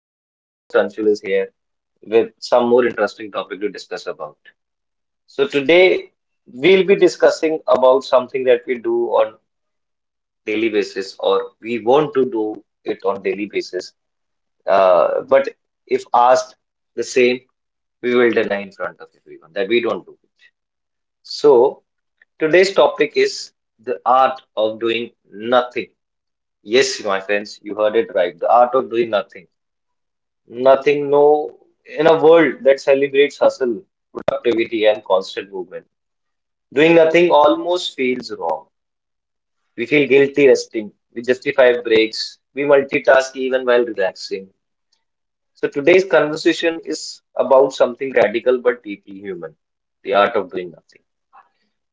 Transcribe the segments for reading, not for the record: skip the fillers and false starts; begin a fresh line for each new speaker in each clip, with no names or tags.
Today, your host Anshul is here with some more interesting topic to discuss about. So today, we'll be discussing about something that we do on daily basis, or we want to do it on daily basis. But if asked the same, we will deny in front of everyone that we don't do it. So today's topic is the art of doing nothing. Yes, my friends, you heard it right. The art of doing nothing. Nothing, no, in a world that celebrates hustle, productivity, and constant movement, doing nothing almost feels wrong. We feel guilty resting, we justify breaks, we multitask even while relaxing. So today's conversation is about something radical but deeply human, the art of doing nothing.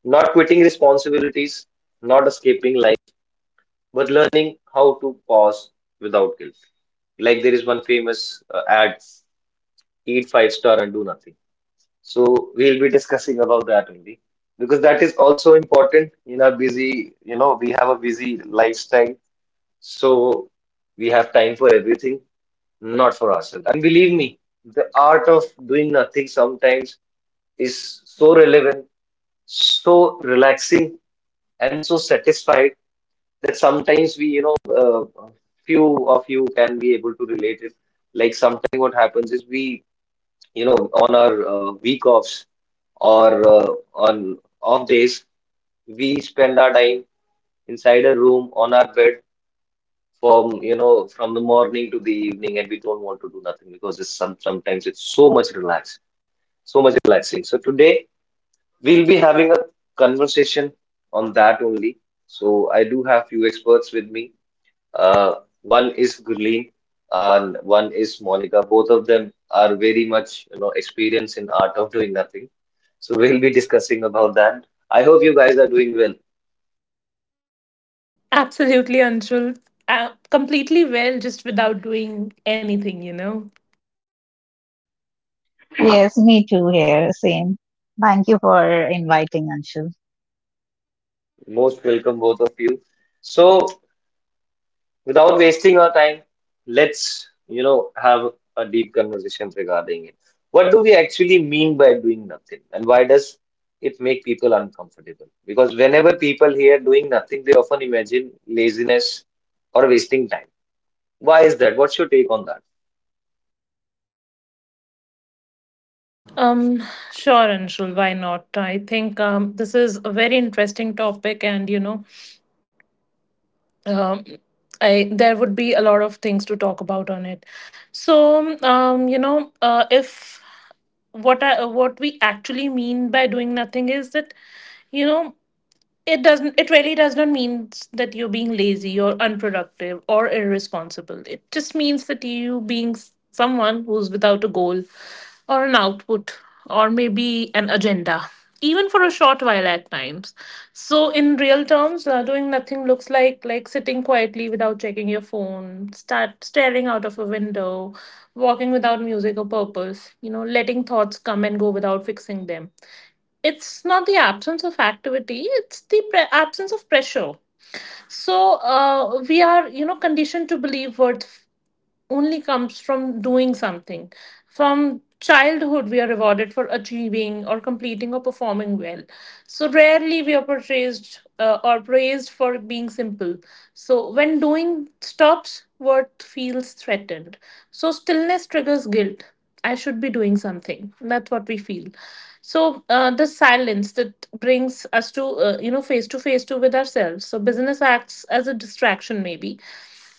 Not quitting responsibilities, not escaping life, but learning how to pause without guilt. Like there is one famous ad, eat five star and do nothing. So we'll be discussing about that only, because that is also important in our busy, you know, we have a busy lifestyle. So we have time for everything, not for ourselves. And believe me, the art of doing nothing sometimes is so relevant, so relaxing, and so satisfied that sometimes we, you know, few of you can be able to relate it. Like sometimes what happens is we, you know, on our week offs or on off days we spend our time inside a room on our bed from you know from the morning to the evening, and we don't want to do nothing because it's sometimes it's so much relaxed, so much relaxing. So today we'll be having a conversation on that only. So I do have few experts with me. uh, One is Gurleen and one is Monica. Both of them are very much, you know, experienced in art of doing nothing. So we'll be discussing about that. I hope you guys are doing well.
Absolutely, Anshul. Completely well, just without doing anything.
Yes, me too here, same. Thank you for inviting, Anshul.
Most welcome, both of you. So without wasting our time, let's, you know, have a deep conversation regarding it. What do we actually mean by doing nothing, and why does it make people uncomfortable? Because whenever people hear doing nothing, they often imagine laziness or wasting time. Why is that? What's your take on that?
Um, sure, Anshul. Why not? I think this is a very interesting topic, and you know, um, I there would be a lot of things to talk about on it. So, if what we actually mean by doing nothing is that, you know, it really does not mean that you're being lazy or unproductive or irresponsible. It just means that you being someone who's without a goal, or an output, or maybe an agenda, even for a short while at times. So in real terms, doing nothing looks like sitting quietly without checking your phone, start staring out of a window, walking without music or purpose. Letting thoughts come and go without fixing them. It's not the absence of activity, it's the absence of pressure. So we are conditioned to believe worth only comes from doing something. From childhood, we are rewarded for achieving or completing or performing well. So rarely we are portrayed, or praised for being simple. So when doing stops, worth feels threatened. So stillness triggers guilt. I should be doing something. That's what we feel. So the silence that brings us to face to face to with ourselves. So business acts as a distraction maybe,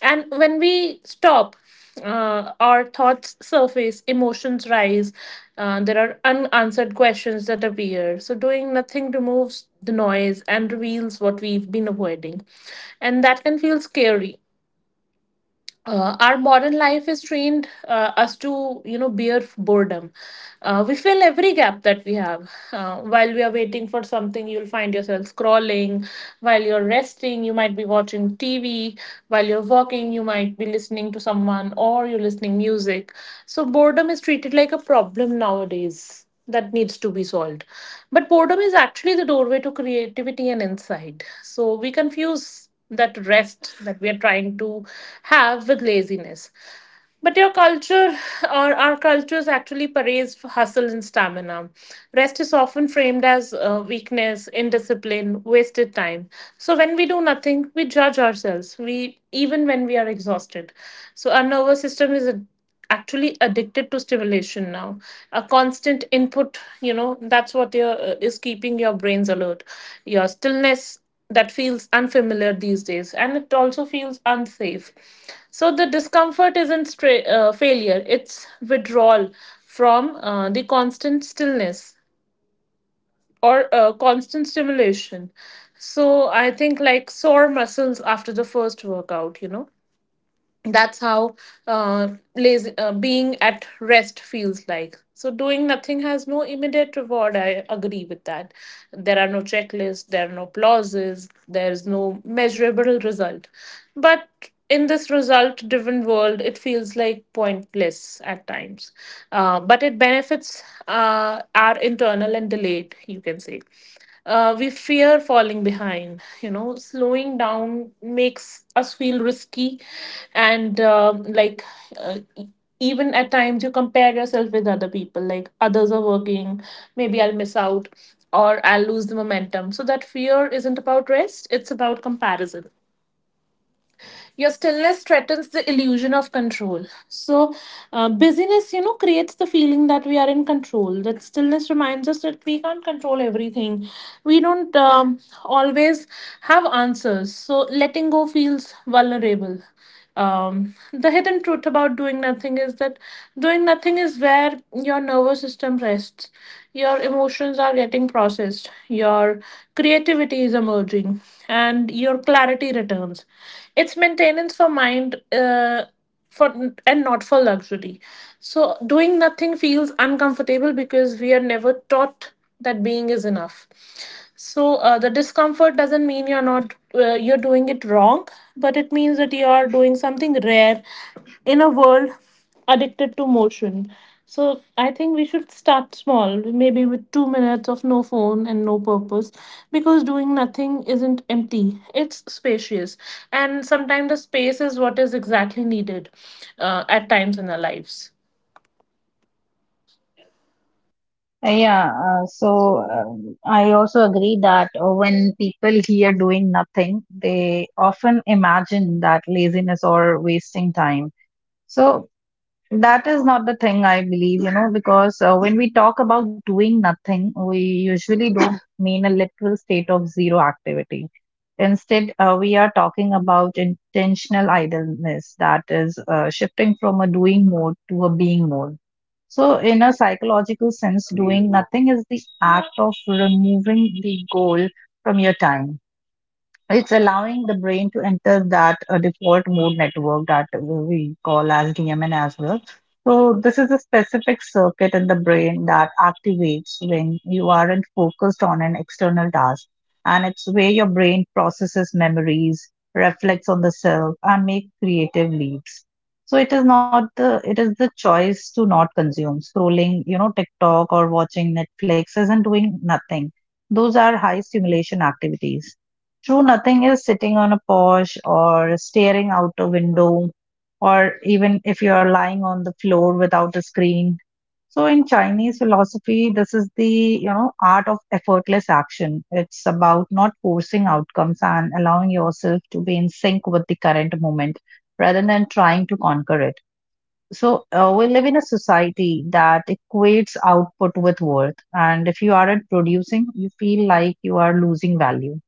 and when we stop, our thoughts surface, emotions rise, there are unanswered questions that appear. So doing nothing removes the noise and reveals what we've been avoiding, and that can feel scary. Our modern life has trained us to bear boredom. We fill every gap that we have. While we are waiting for something, you'll find yourself scrolling. While you're resting, you might be watching TV. While you're walking, you might be listening to someone, or you're listening music. So boredom is treated like a problem nowadays that needs to be solved. But boredom is actually the doorway to creativity and insight. So we confuse that rest that we are trying to have with laziness. But your culture, or our cultures, actually parades for hustle and stamina. Rest is often framed as weakness, indiscipline, wasted time. So when we do nothing, we judge ourselves. We even when we are exhausted. So our nervous system is actually addicted to stimulation now, a constant input. That's what your, is keeping your brains alert. Your stillness, that feels unfamiliar these days, and it also feels unsafe. So the discomfort isn't failure, it's withdrawal from the constant stillness, or constant stimulation. So I think, like sore muscles after the first workout. That's how, uh, being at rest feels like. So doing nothing has no immediate reward, I agree with that. There are no checklists, there are no clauses, there's no measurable result. But in this result driven world, it feels like pointless at times. But it benefits, our internal and delayed, you can say. We fear falling behind. Slowing down makes us feel risky. And like uh, e- even at times you compare yourself with other people, like others are working, maybe I'll miss out, or I'll lose the momentum. So that fear isn't about rest, it's about comparison. Your stillness threatens the illusion of control. So, busyness creates the feeling that we are in control. That stillness reminds us that we can't control everything. We don't always have answers. So, letting go feels vulnerable. The hidden truth about doing nothing is that doing nothing is where your nervous system rests. Your emotions are getting processed, your creativity is emerging, and your clarity returns. It's maintenance for mind. For And not for luxury. So doing nothing feels uncomfortable because we are never taught that being is enough. So the discomfort doesn't mean you're not you're doing it wrong, but it means that you are doing something rare in a world addicted to motion. So I think we should start small, maybe with 2 minutes of no phone and no purpose, because doing nothing isn't empty, it's spacious. And sometimes the space is what is exactly needed, at times in our lives.
Yeah, so I also agree that when people hear doing nothing, they often imagine that laziness or wasting time. So that is not the thing I believe, you know, because when we talk about doing nothing, we usually don't mean a literal state of zero activity. Instead, we are talking about intentional idleness, that is, shifting from a doing mode to a being mode. So, in a psychological sense, doing nothing is the act of removing the goal from your time. It's allowing the brain to enter that default mode network that we call as DMN as well. So this is a specific circuit in the brain that activates when you aren't focused on an external task, and it's where your brain processes memories, reflects on the self, and make creative leaps. So it is the choice to not consume. Scrolling, you know, TikTok or watching Netflix isn't doing nothing. Those are high stimulation activities. True, nothing is sitting on a porch or staring out a window, or even if you are lying on the floor without a screen. So, in Chinese philosophy, this is the, art of effortless action. It's about not forcing outcomes and allowing yourself to be in sync with the current moment rather than trying to conquer it. So, we live in a society that equates output with worth, and if you aren't producing, you feel like you are losing value.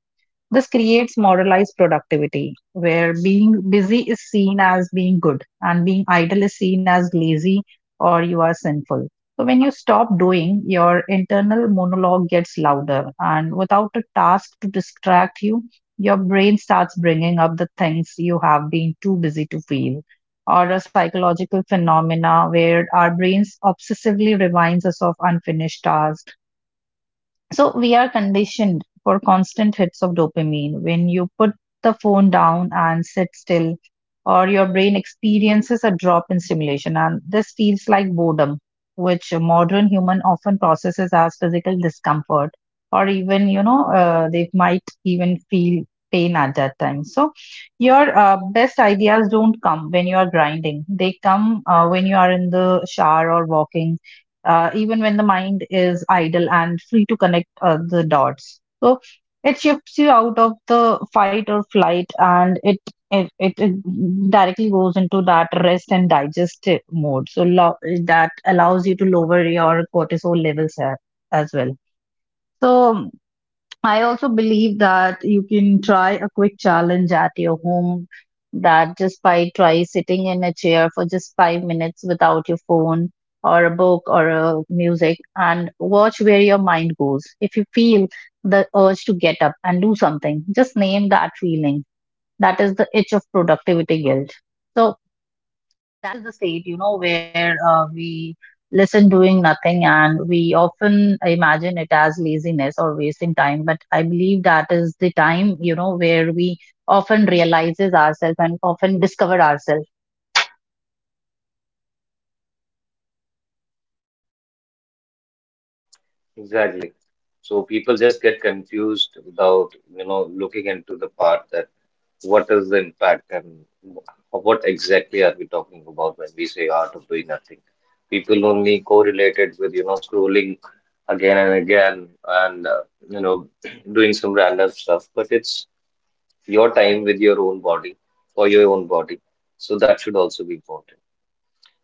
This creates moralized productivity, where being busy is seen as being good and being idle is seen as lazy, or you are sinful. So, when you stop doing, your internal monologue gets louder, and without a task to distract you, your brain starts bringing up the things you have been too busy to feel. Or a psychological phenomena where our brains obsessively reminds us of unfinished tasks, so we are conditioned for constant hits of dopamine. When you put the phone down and sit still, or your brain experiences a drop in stimulation, and this feels like boredom, which a modern human often processes as physical discomfort, or even, you know, they might even feel pain at that time. So your best ideas don't come when you are grinding; they come when you are in the shower or walking, even when the mind is idle and free to connect the dots. So it shifts you out of the fight or flight, and it directly goes into that rest and digest mode. So that allows you to lower your cortisol levels as well. So I also believe that you can try a quick challenge at your home, that just by try sitting in a chair for just 5 minutes without your phone or a book or a music, and watch where your mind goes. If you feel the urge to get up and do something, just name that feeling. That is the itch of productivity guilt. So that is the state, you know, where we listen doing nothing and we often imagine it as laziness or wasting time. But I believe that is the time, you know, where we often realizes ourselves and often discover ourselves.
Exactly. So people just get confused without, you know, looking into the part that what is the impact and what exactly are we talking about when we say art of doing nothing. People only correlate it with, you know, scrolling again and again, and, you know, doing some random stuff. But it's your time with your own body, for your own body. So that should also be important.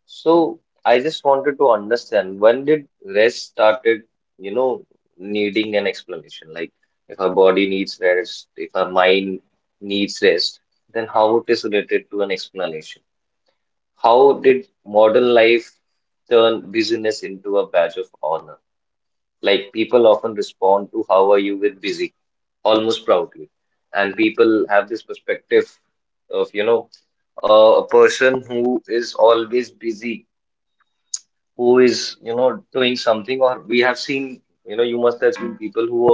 So I just wanted to understand, when did rest started, you know, needing an explanation? Like if our body needs rest, if our mind needs rest, then how it is related to an explanation? How did modern life turn busyness into a badge of honor? Like people often respond to how are you with busy, almost proudly. And people have this perspective of, you know, a person who is always busy, who is you know doing something, or we have seen, you know, you must have seen people who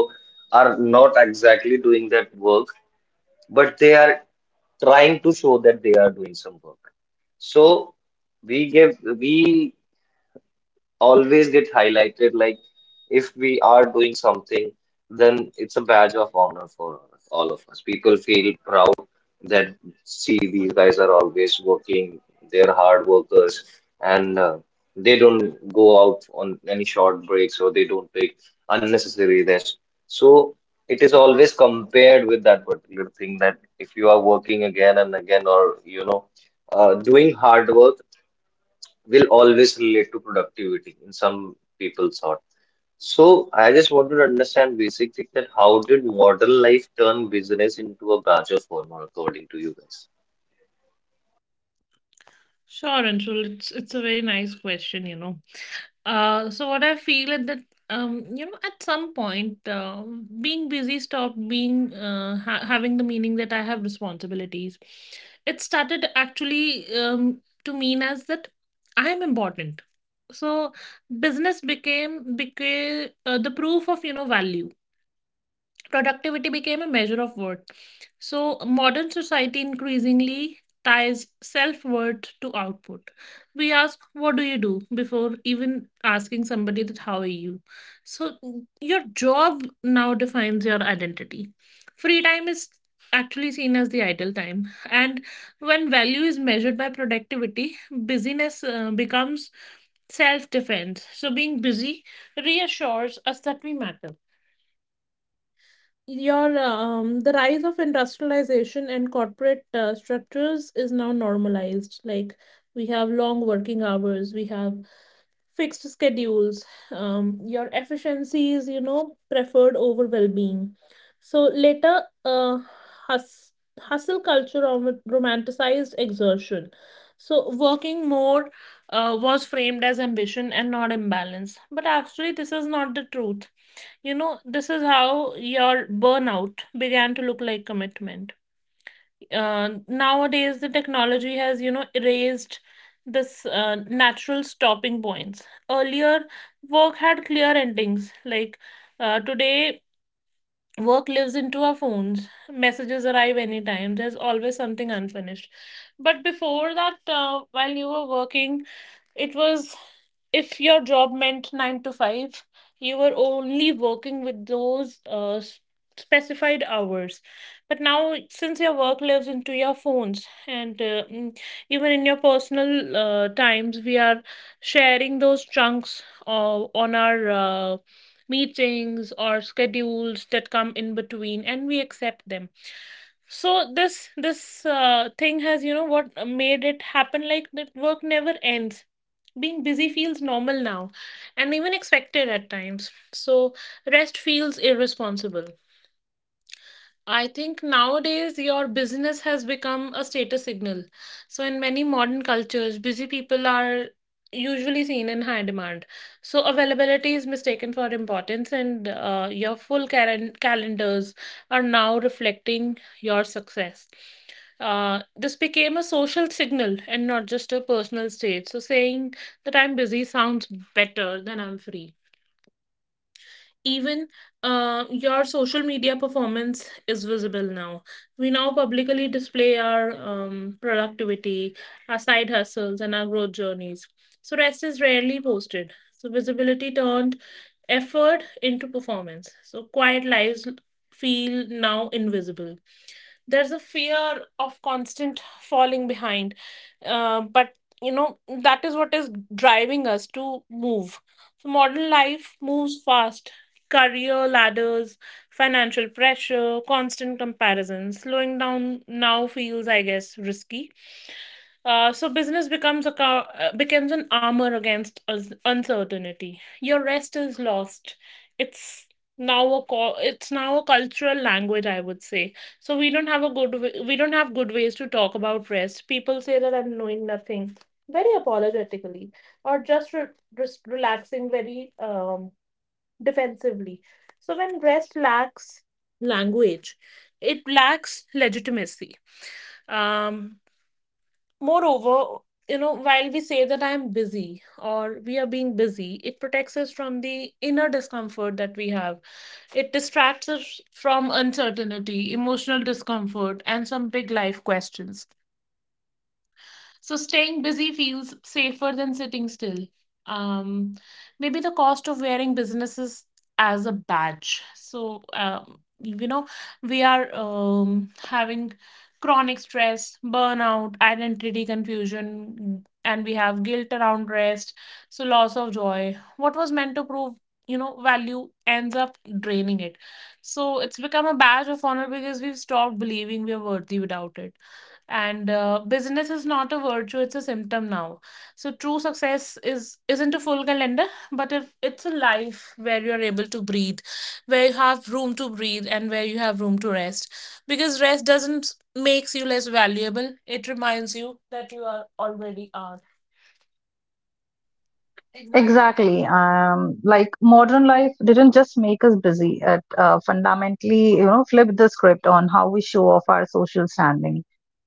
are not exactly doing that work but they are trying to show that they are doing some work. So we give we always get highlighted, like if we are doing something then it's a badge of honor for all of us. People feel proud that see these guys are always working, they're hard workers, and they don't go out on any short breaks or they don't take unnecessary rest. So it is always compared with that particular thing, that if you are working again and again, or you know, doing hard work, will always relate to productivity in some people's thought. So I just wanted to understand basically that how did modern life turn business into a badge of honor, according to you guys?
Sure, Anshul. It's a very nice question. So what I feel is that, at some point, being busy stopped being, having the meaning that I have responsibilities. It started actually to mean as that I am important. So business became, the proof of value. Productivity became a measure of worth. So, modern society increasingly ties self worth to output. We ask, "What do you do?" before even asking somebody that, "How are you?" So, your job now defines your identity. Free time is actually seen as the idle time. And when value is measured by productivity, busyness becomes self defense. So, being busy reassures us that we matter your the rise of industrialization and corporate, structures is now normalized. Like, we have long working hours, we have fixed schedules. Your efficiency is preferred over well-being. So later, hus- hustle culture romanticized exertion. So working more, was framed as ambition and not imbalance. But actually this is not the truth. You know, this is how your burnout began to look like commitment. Nowadays, the technology has, erased this, natural stopping points. Earlier, work had clear endings. Like today, Work lives into our phones. Messages arrive anytime. There's always something unfinished. But before that, while you were working, it was, if your job meant nine to five, you were only working with those, specified hours. But now, since your work lives into your phones, and even in your personal, times, we are sharing those chunks, on our, meetings or schedules that come in between, and we accept them. So this, thing has, what made it happen, like, that work never ends. Being busy feels normal now, and even expected at times. So rest feels irresponsible. I think nowadays your business has become a status signal. So, in many modern cultures, busy people are usually seen in high demand. So, availability is mistaken for importance, and your full calendars are now reflecting your success. This became a social signal and not just a personal state. So, saying that I'm busy sounds better than I'm free. Even your social media performance is visible now. We now publicly display our, productivity, our side hustles, and our growth journeys. So, rest is rarely posted. So, visibility turned effort into performance. So, quiet lives feel now invisible. There's a fear of constant falling behind. Uh, but you know that is what is driving us to move. So modern life moves fast. Career ladders, financial pressure, constant comparisons. Slowing down now feels, I guess, risky. So business becomes becomes an armor against uncertainty. Your rest is lost. It's it's now a cultural language, I would say. So we don't have good ways to talk about rest. People say that I'm knowing nothing, very apologetically, or just just relaxing very defensively. So when rest lacks language, it lacks legitimacy. Um, Moreover, while we say that I'm busy or we are being busy, it protects us from the inner discomfort that we have. It distracts us from uncertainty, emotional discomfort, and some big life questions. So staying busy feels safer than sitting still. Um, Maybe the cost of wearing businesses as a badge. So we are, having chronic stress, burnout, identity confusion, and we have guilt around rest. So loss of joy. What was meant to prove, value ends up draining it. So it's become a badge of honor because we've stopped believing we are worthy without it. And business is not a virtue, it's a symptom now. So true success is isn't a full calendar, but if it's a life where you're able to breathe, where you have room to breathe, and where you have room to rest, because rest doesn't makes you less valuable, it reminds you that you are already are. Exactly.
Exactly. Like modern life didn't just make us busy. It, fundamentally, you know, flipped the script on how we show off our social standing.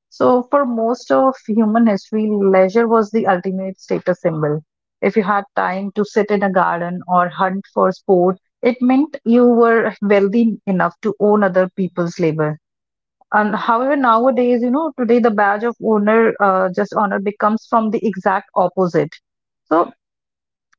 So, for most of human history, leisure was the ultimate status symbol. If you had time to sit in a garden or hunt for sport, it meant you were wealthy enough to own other people's labor. And however, nowadays, you know, today the badge of honor, just honor becomes from the exact opposite. So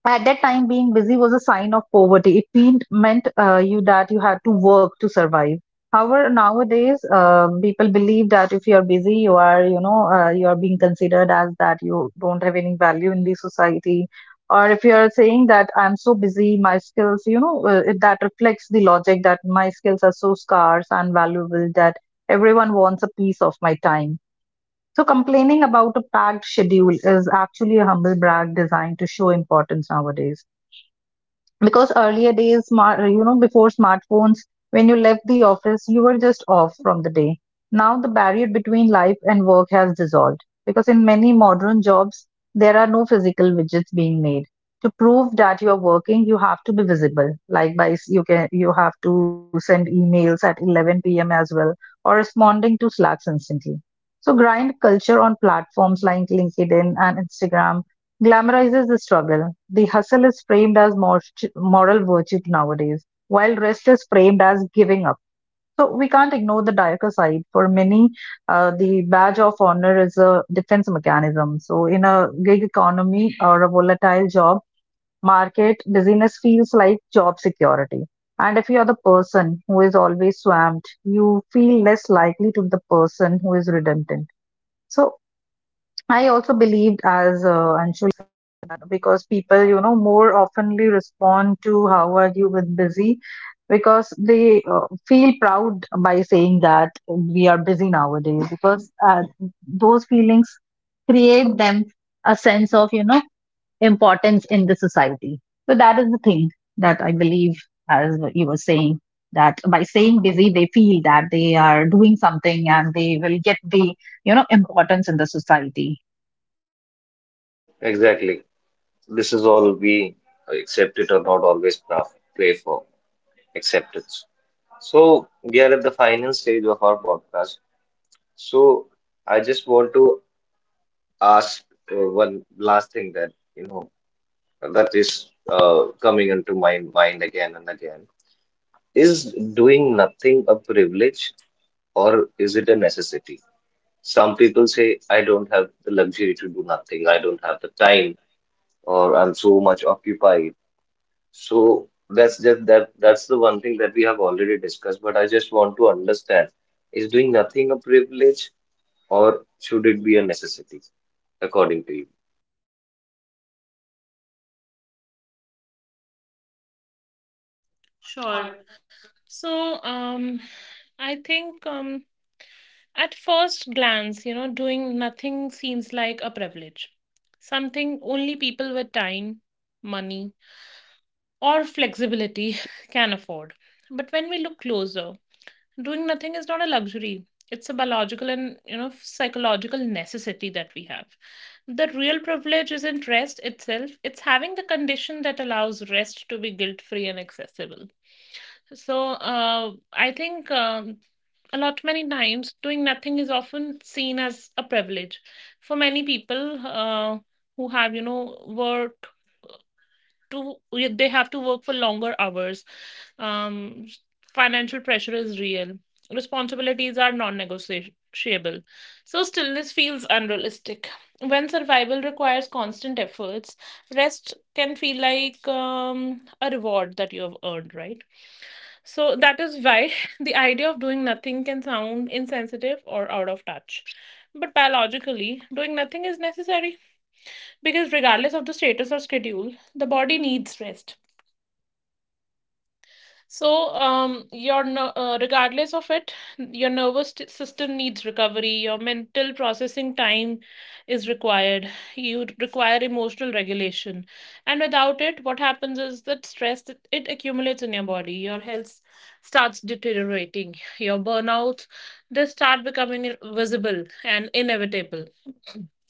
at that time, being busy was a sign of poverty. It meant, you that you had to work to survive. However, nowadays people believe that if you are busy, you are being considered as that you don't have any value in the society, or if you are saying that I'm so busy, my skills, that reflects the logic that my skills are so scarce and valuable that everyone wants a piece of my time. So complaining about a packed schedule is actually a humble brag designed to show importance nowadays, because earlier days smart you know before smartphones, when you left the office you were just off from the day. Now the barrier between life and work has dissolved, because in many modern jobs there are no physical widgets being made. To prove that you are working, you have to be visible, like by s- you can you have to send emails at 11 p.m. as well, or responding to slacks instantly. So grind culture on platforms like LinkedIn and Instagram glamorizes the struggle. The hustle is framed as moral virtue nowadays, while rest is framed as giving up. So we can't ignore the darker side. For many, the badge of honor is a defense mechanism. So in a gig economy or a volatile job market, busyness feels like job security. And if you're the person who is always swamped, you feel less likely to the person who is redundant. So I also believed, as Anshu, because people, you know, more oftenly respond to how are you with busy, because they feel proud by saying that we are busy nowadays, because those feelings create them a sense of, you know, importance in the society. So that is the thing that I believe, as you were saying, that by saying busy they feel that they are doing something and they will get the, you know, importance in the society.
Exactly. This is all we accept it or not, always pray for acceptance. So we are at the final stage of our podcast. So I just want to ask one last thing, that you know, that is coming into my mind again and again. Is doing nothing a privilege or is it a necessity? Some people say, I don't have the luxury to do nothing, I don't have the time, or I'm so much occupied. So that's just that's the one thing that we have already discussed, but I just want to understand, is doing nothing a privilege or should it be a necessity, according to you?
Sure. So I think, at first glance, doing nothing seems like a privilege, something only people with time, money, or flexibility can afford. But when we look closer, doing nothing is not a luxury. It's a biological and psychological necessity that we have. The real privilege isn't rest itself, it's having the condition that allows rest to be guilt free and accessible. So I think a lot many times doing nothing is often seen as a privilege for many people, who have you know work to yeah, they have to work for longer hours. Um, Financial pressure is real. Responsibilities are non-negotiable. So stillness feels unrealistic. When survival requires constant efforts, rest can feel like a reward that you have earned, right? So that is why the idea of doing nothing can sound insensitive or out of touch. But biologically, doing nothing is necessary because regardless of the status or schedule, the body needs rest. Regardless of it, your nervous system needs recovery. Your mental processing time is required. You require emotional regulation, and without it, what happens is that stress that it accumulates in your body. Your health starts deteriorating. Your burnouts, they start becoming visible and inevitable.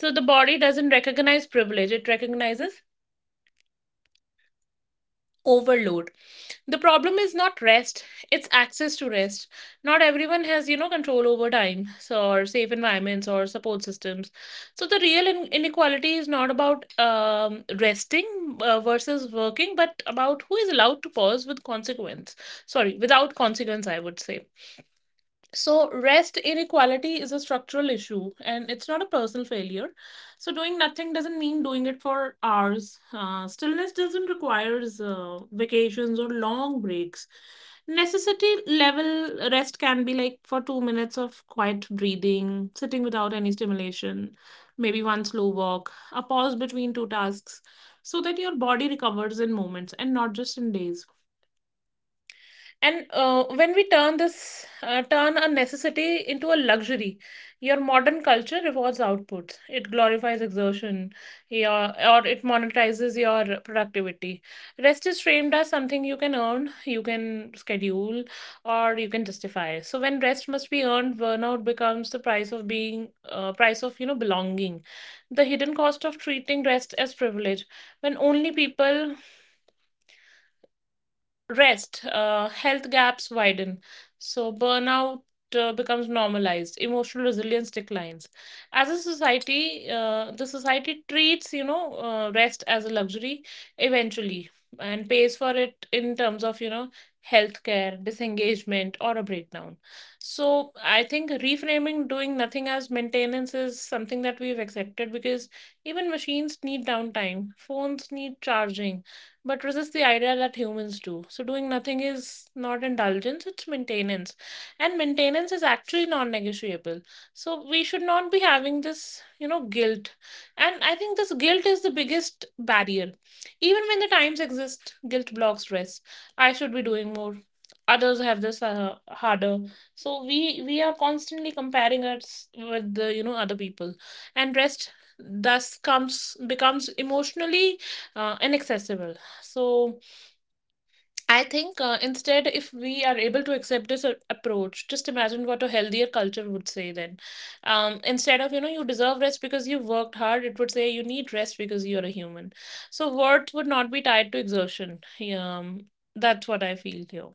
So the body doesn't recognize privilege; it recognizes overload. The problem is not rest, it's access to rest. Not everyone has you know, control over time, so, or safe environments or support systems. So the real inequality is not about resting versus working, but about who is allowed to pause with consequence. Sorry, without consequence, I would say. So, rest inequality is a structural issue and it's not a personal failure. So, doing nothing doesn't mean doing it for hours. Stillness doesn't require vacations or long breaks. Necessity level rest can be like for 2 minutes of quiet breathing, sitting without any stimulation, maybe one slow walk, a pause between two tasks, so that your body recovers in moments and not just in days. And when we turn this turn a necessity into a luxury, your modern culture rewards outputs, it glorifies exertion, your, or it monetizes your productivity. Rest is framed as something you can earn, you can schedule, or you can justify. So when rest must be earned, burnout becomes the price of belonging, the hidden cost of treating rest as privilege. When only people rest, health gaps widen. So burnout becomes normalized. Emotional resilience declines. As a society, the society treats you know rest as a luxury eventually, and pays for it in terms of you know healthcare, disengagement, or a breakdown. So I think reframing doing nothing as maintenance is something that we've accepted because even machines need downtime, phones need charging, but resist the idea that humans do. So, doing nothing is not indulgence, it's maintenance. And maintenance is actually non negotiable. So, we should not be having this you know, guilt. And I think this guilt is the biggest barrier. Even when the times exist, guilt blocks rest. I should be doing more. Others have this harder, so we are constantly comparing us with the you know other people, and rest thus comes becomes emotionally inaccessible. So I think, instead, if we are able to accept this approach, just imagine what a healthier culture would say then. Instead of, you know, you deserve rest because you worked hard, it would say you need rest because you're a human. So worth would not be tied to exertion. Yeah. That's what I feel here.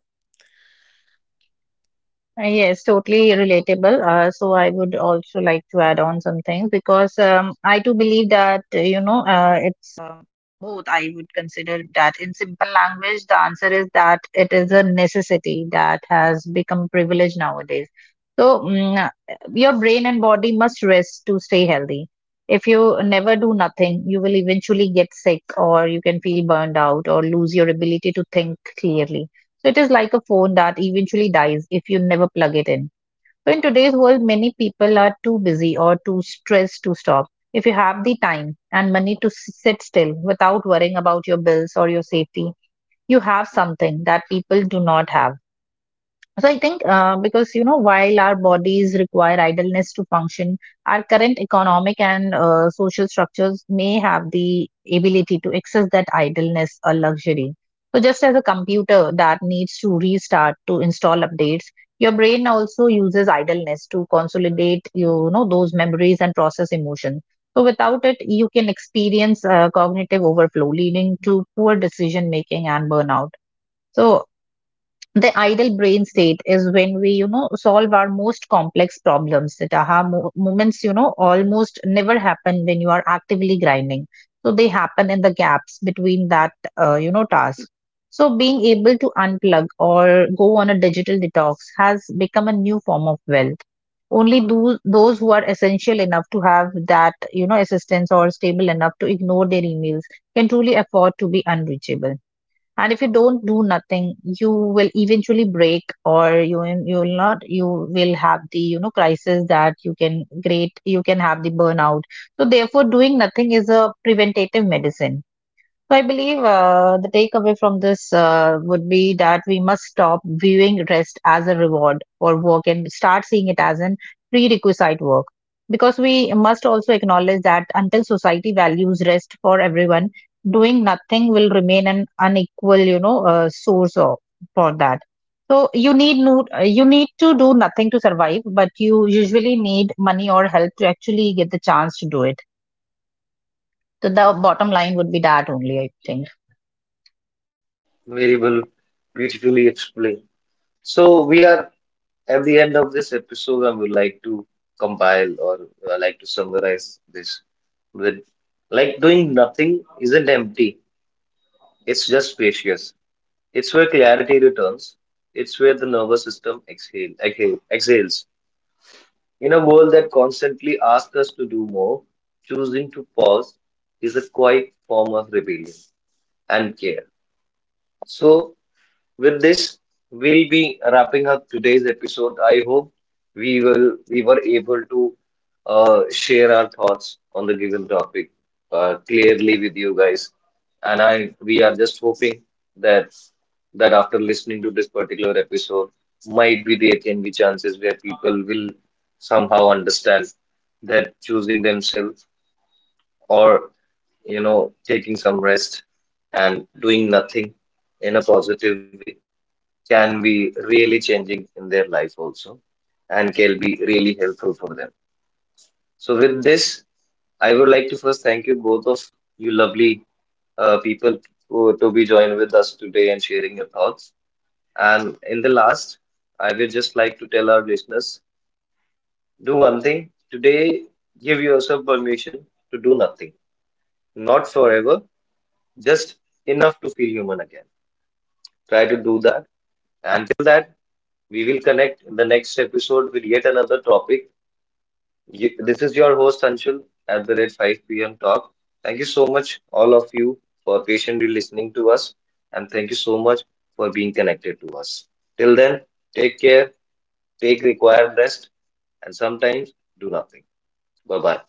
Yes, totally relatable. So I would also like to add on some things, because I do believe that, it's both. I would consider that in simple language, the answer is that it is a necessity that has become privilege nowadays. So your brain and body must rest to stay healthy. If you never do nothing, you will eventually get sick, or you can feel burned out, or lose your ability to think clearly. So it is like a phone that eventually dies if you never plug it in. So in today's world, many people are too busy or too stressed to stop. If you have the time and money to sit still without worrying about your bills or your safety, you have something that people do not have. So I think, because you know, while our bodies require idleness to function, our current economic and social structures may have the ability to access that idleness or luxury. So just as a computer that needs to restart to install updates, your brain also uses idleness to consolidate, you know, those memories and process emotion. So without it, you can experience cognitive overflow, leading to poor decision making and burnout. So the idle brain state is when we, you know, solve our most complex problems. That aha moments, you know, almost never happen when you are actively grinding, so they happen in the gaps between that, task. So being able to unplug or go on a digital detox has become a new form of wealth. Only those who are essential enough to have that, you know, assistance, or stable enough to ignore their emails, can truly afford to be unreachable. And if you don't do nothing, you will eventually break, or you will not, you will have the, crisis that you can, great you can have the burnout. So therefore doing nothing is a preventative medicine. So I believe, the takeaway from this, would be that we must stop viewing rest as a reward for work and start seeing it as an prerequisite work. Because we must also acknowledge that until society values rest for everyone, doing nothing will remain an unequal, source of for that. So you need no, you need to do nothing to survive, but you usually need money or help to actually get the chance to do it. So the bottom line would be that only, I think.
Very well, beautifully explained. So we are at the end of this episode. I would like to compile or like to summarize this with, like, doing nothing isn't empty, it's just spacious. It's where clarity returns, it's where the nervous system exhales. In a world that constantly asks us to do more, choosing to pause is a quiet form of rebellion and care. So, with this, we'll be wrapping up today's episode. I hope we were able to share our thoughts on the given topic clearly with you guys. And I we are just hoping that that after listening to this particular episode, might be there can be chances where people will somehow understand that choosing themselves, or you know taking some rest and doing nothing in a positive way, can be really changing in their life also, and can be really helpful for them. So with this, I would like to first thank you both of you lovely people, who, to be joined with us today and sharing your thoughts. And in the last, I would just like to tell our listeners, do one thing today, give yourself permission to do nothing, not forever, just enough to feel human again. Try to do that. Until that, we will connect in the next episode with yet another topic. You, this is your host Anshul at the rate 5 p.m. Talk. Thank you so much, all of you, for patiently listening to us, and thank you so much for being connected to us. Till then, take care, take required rest, and sometimes do nothing. Bye bye.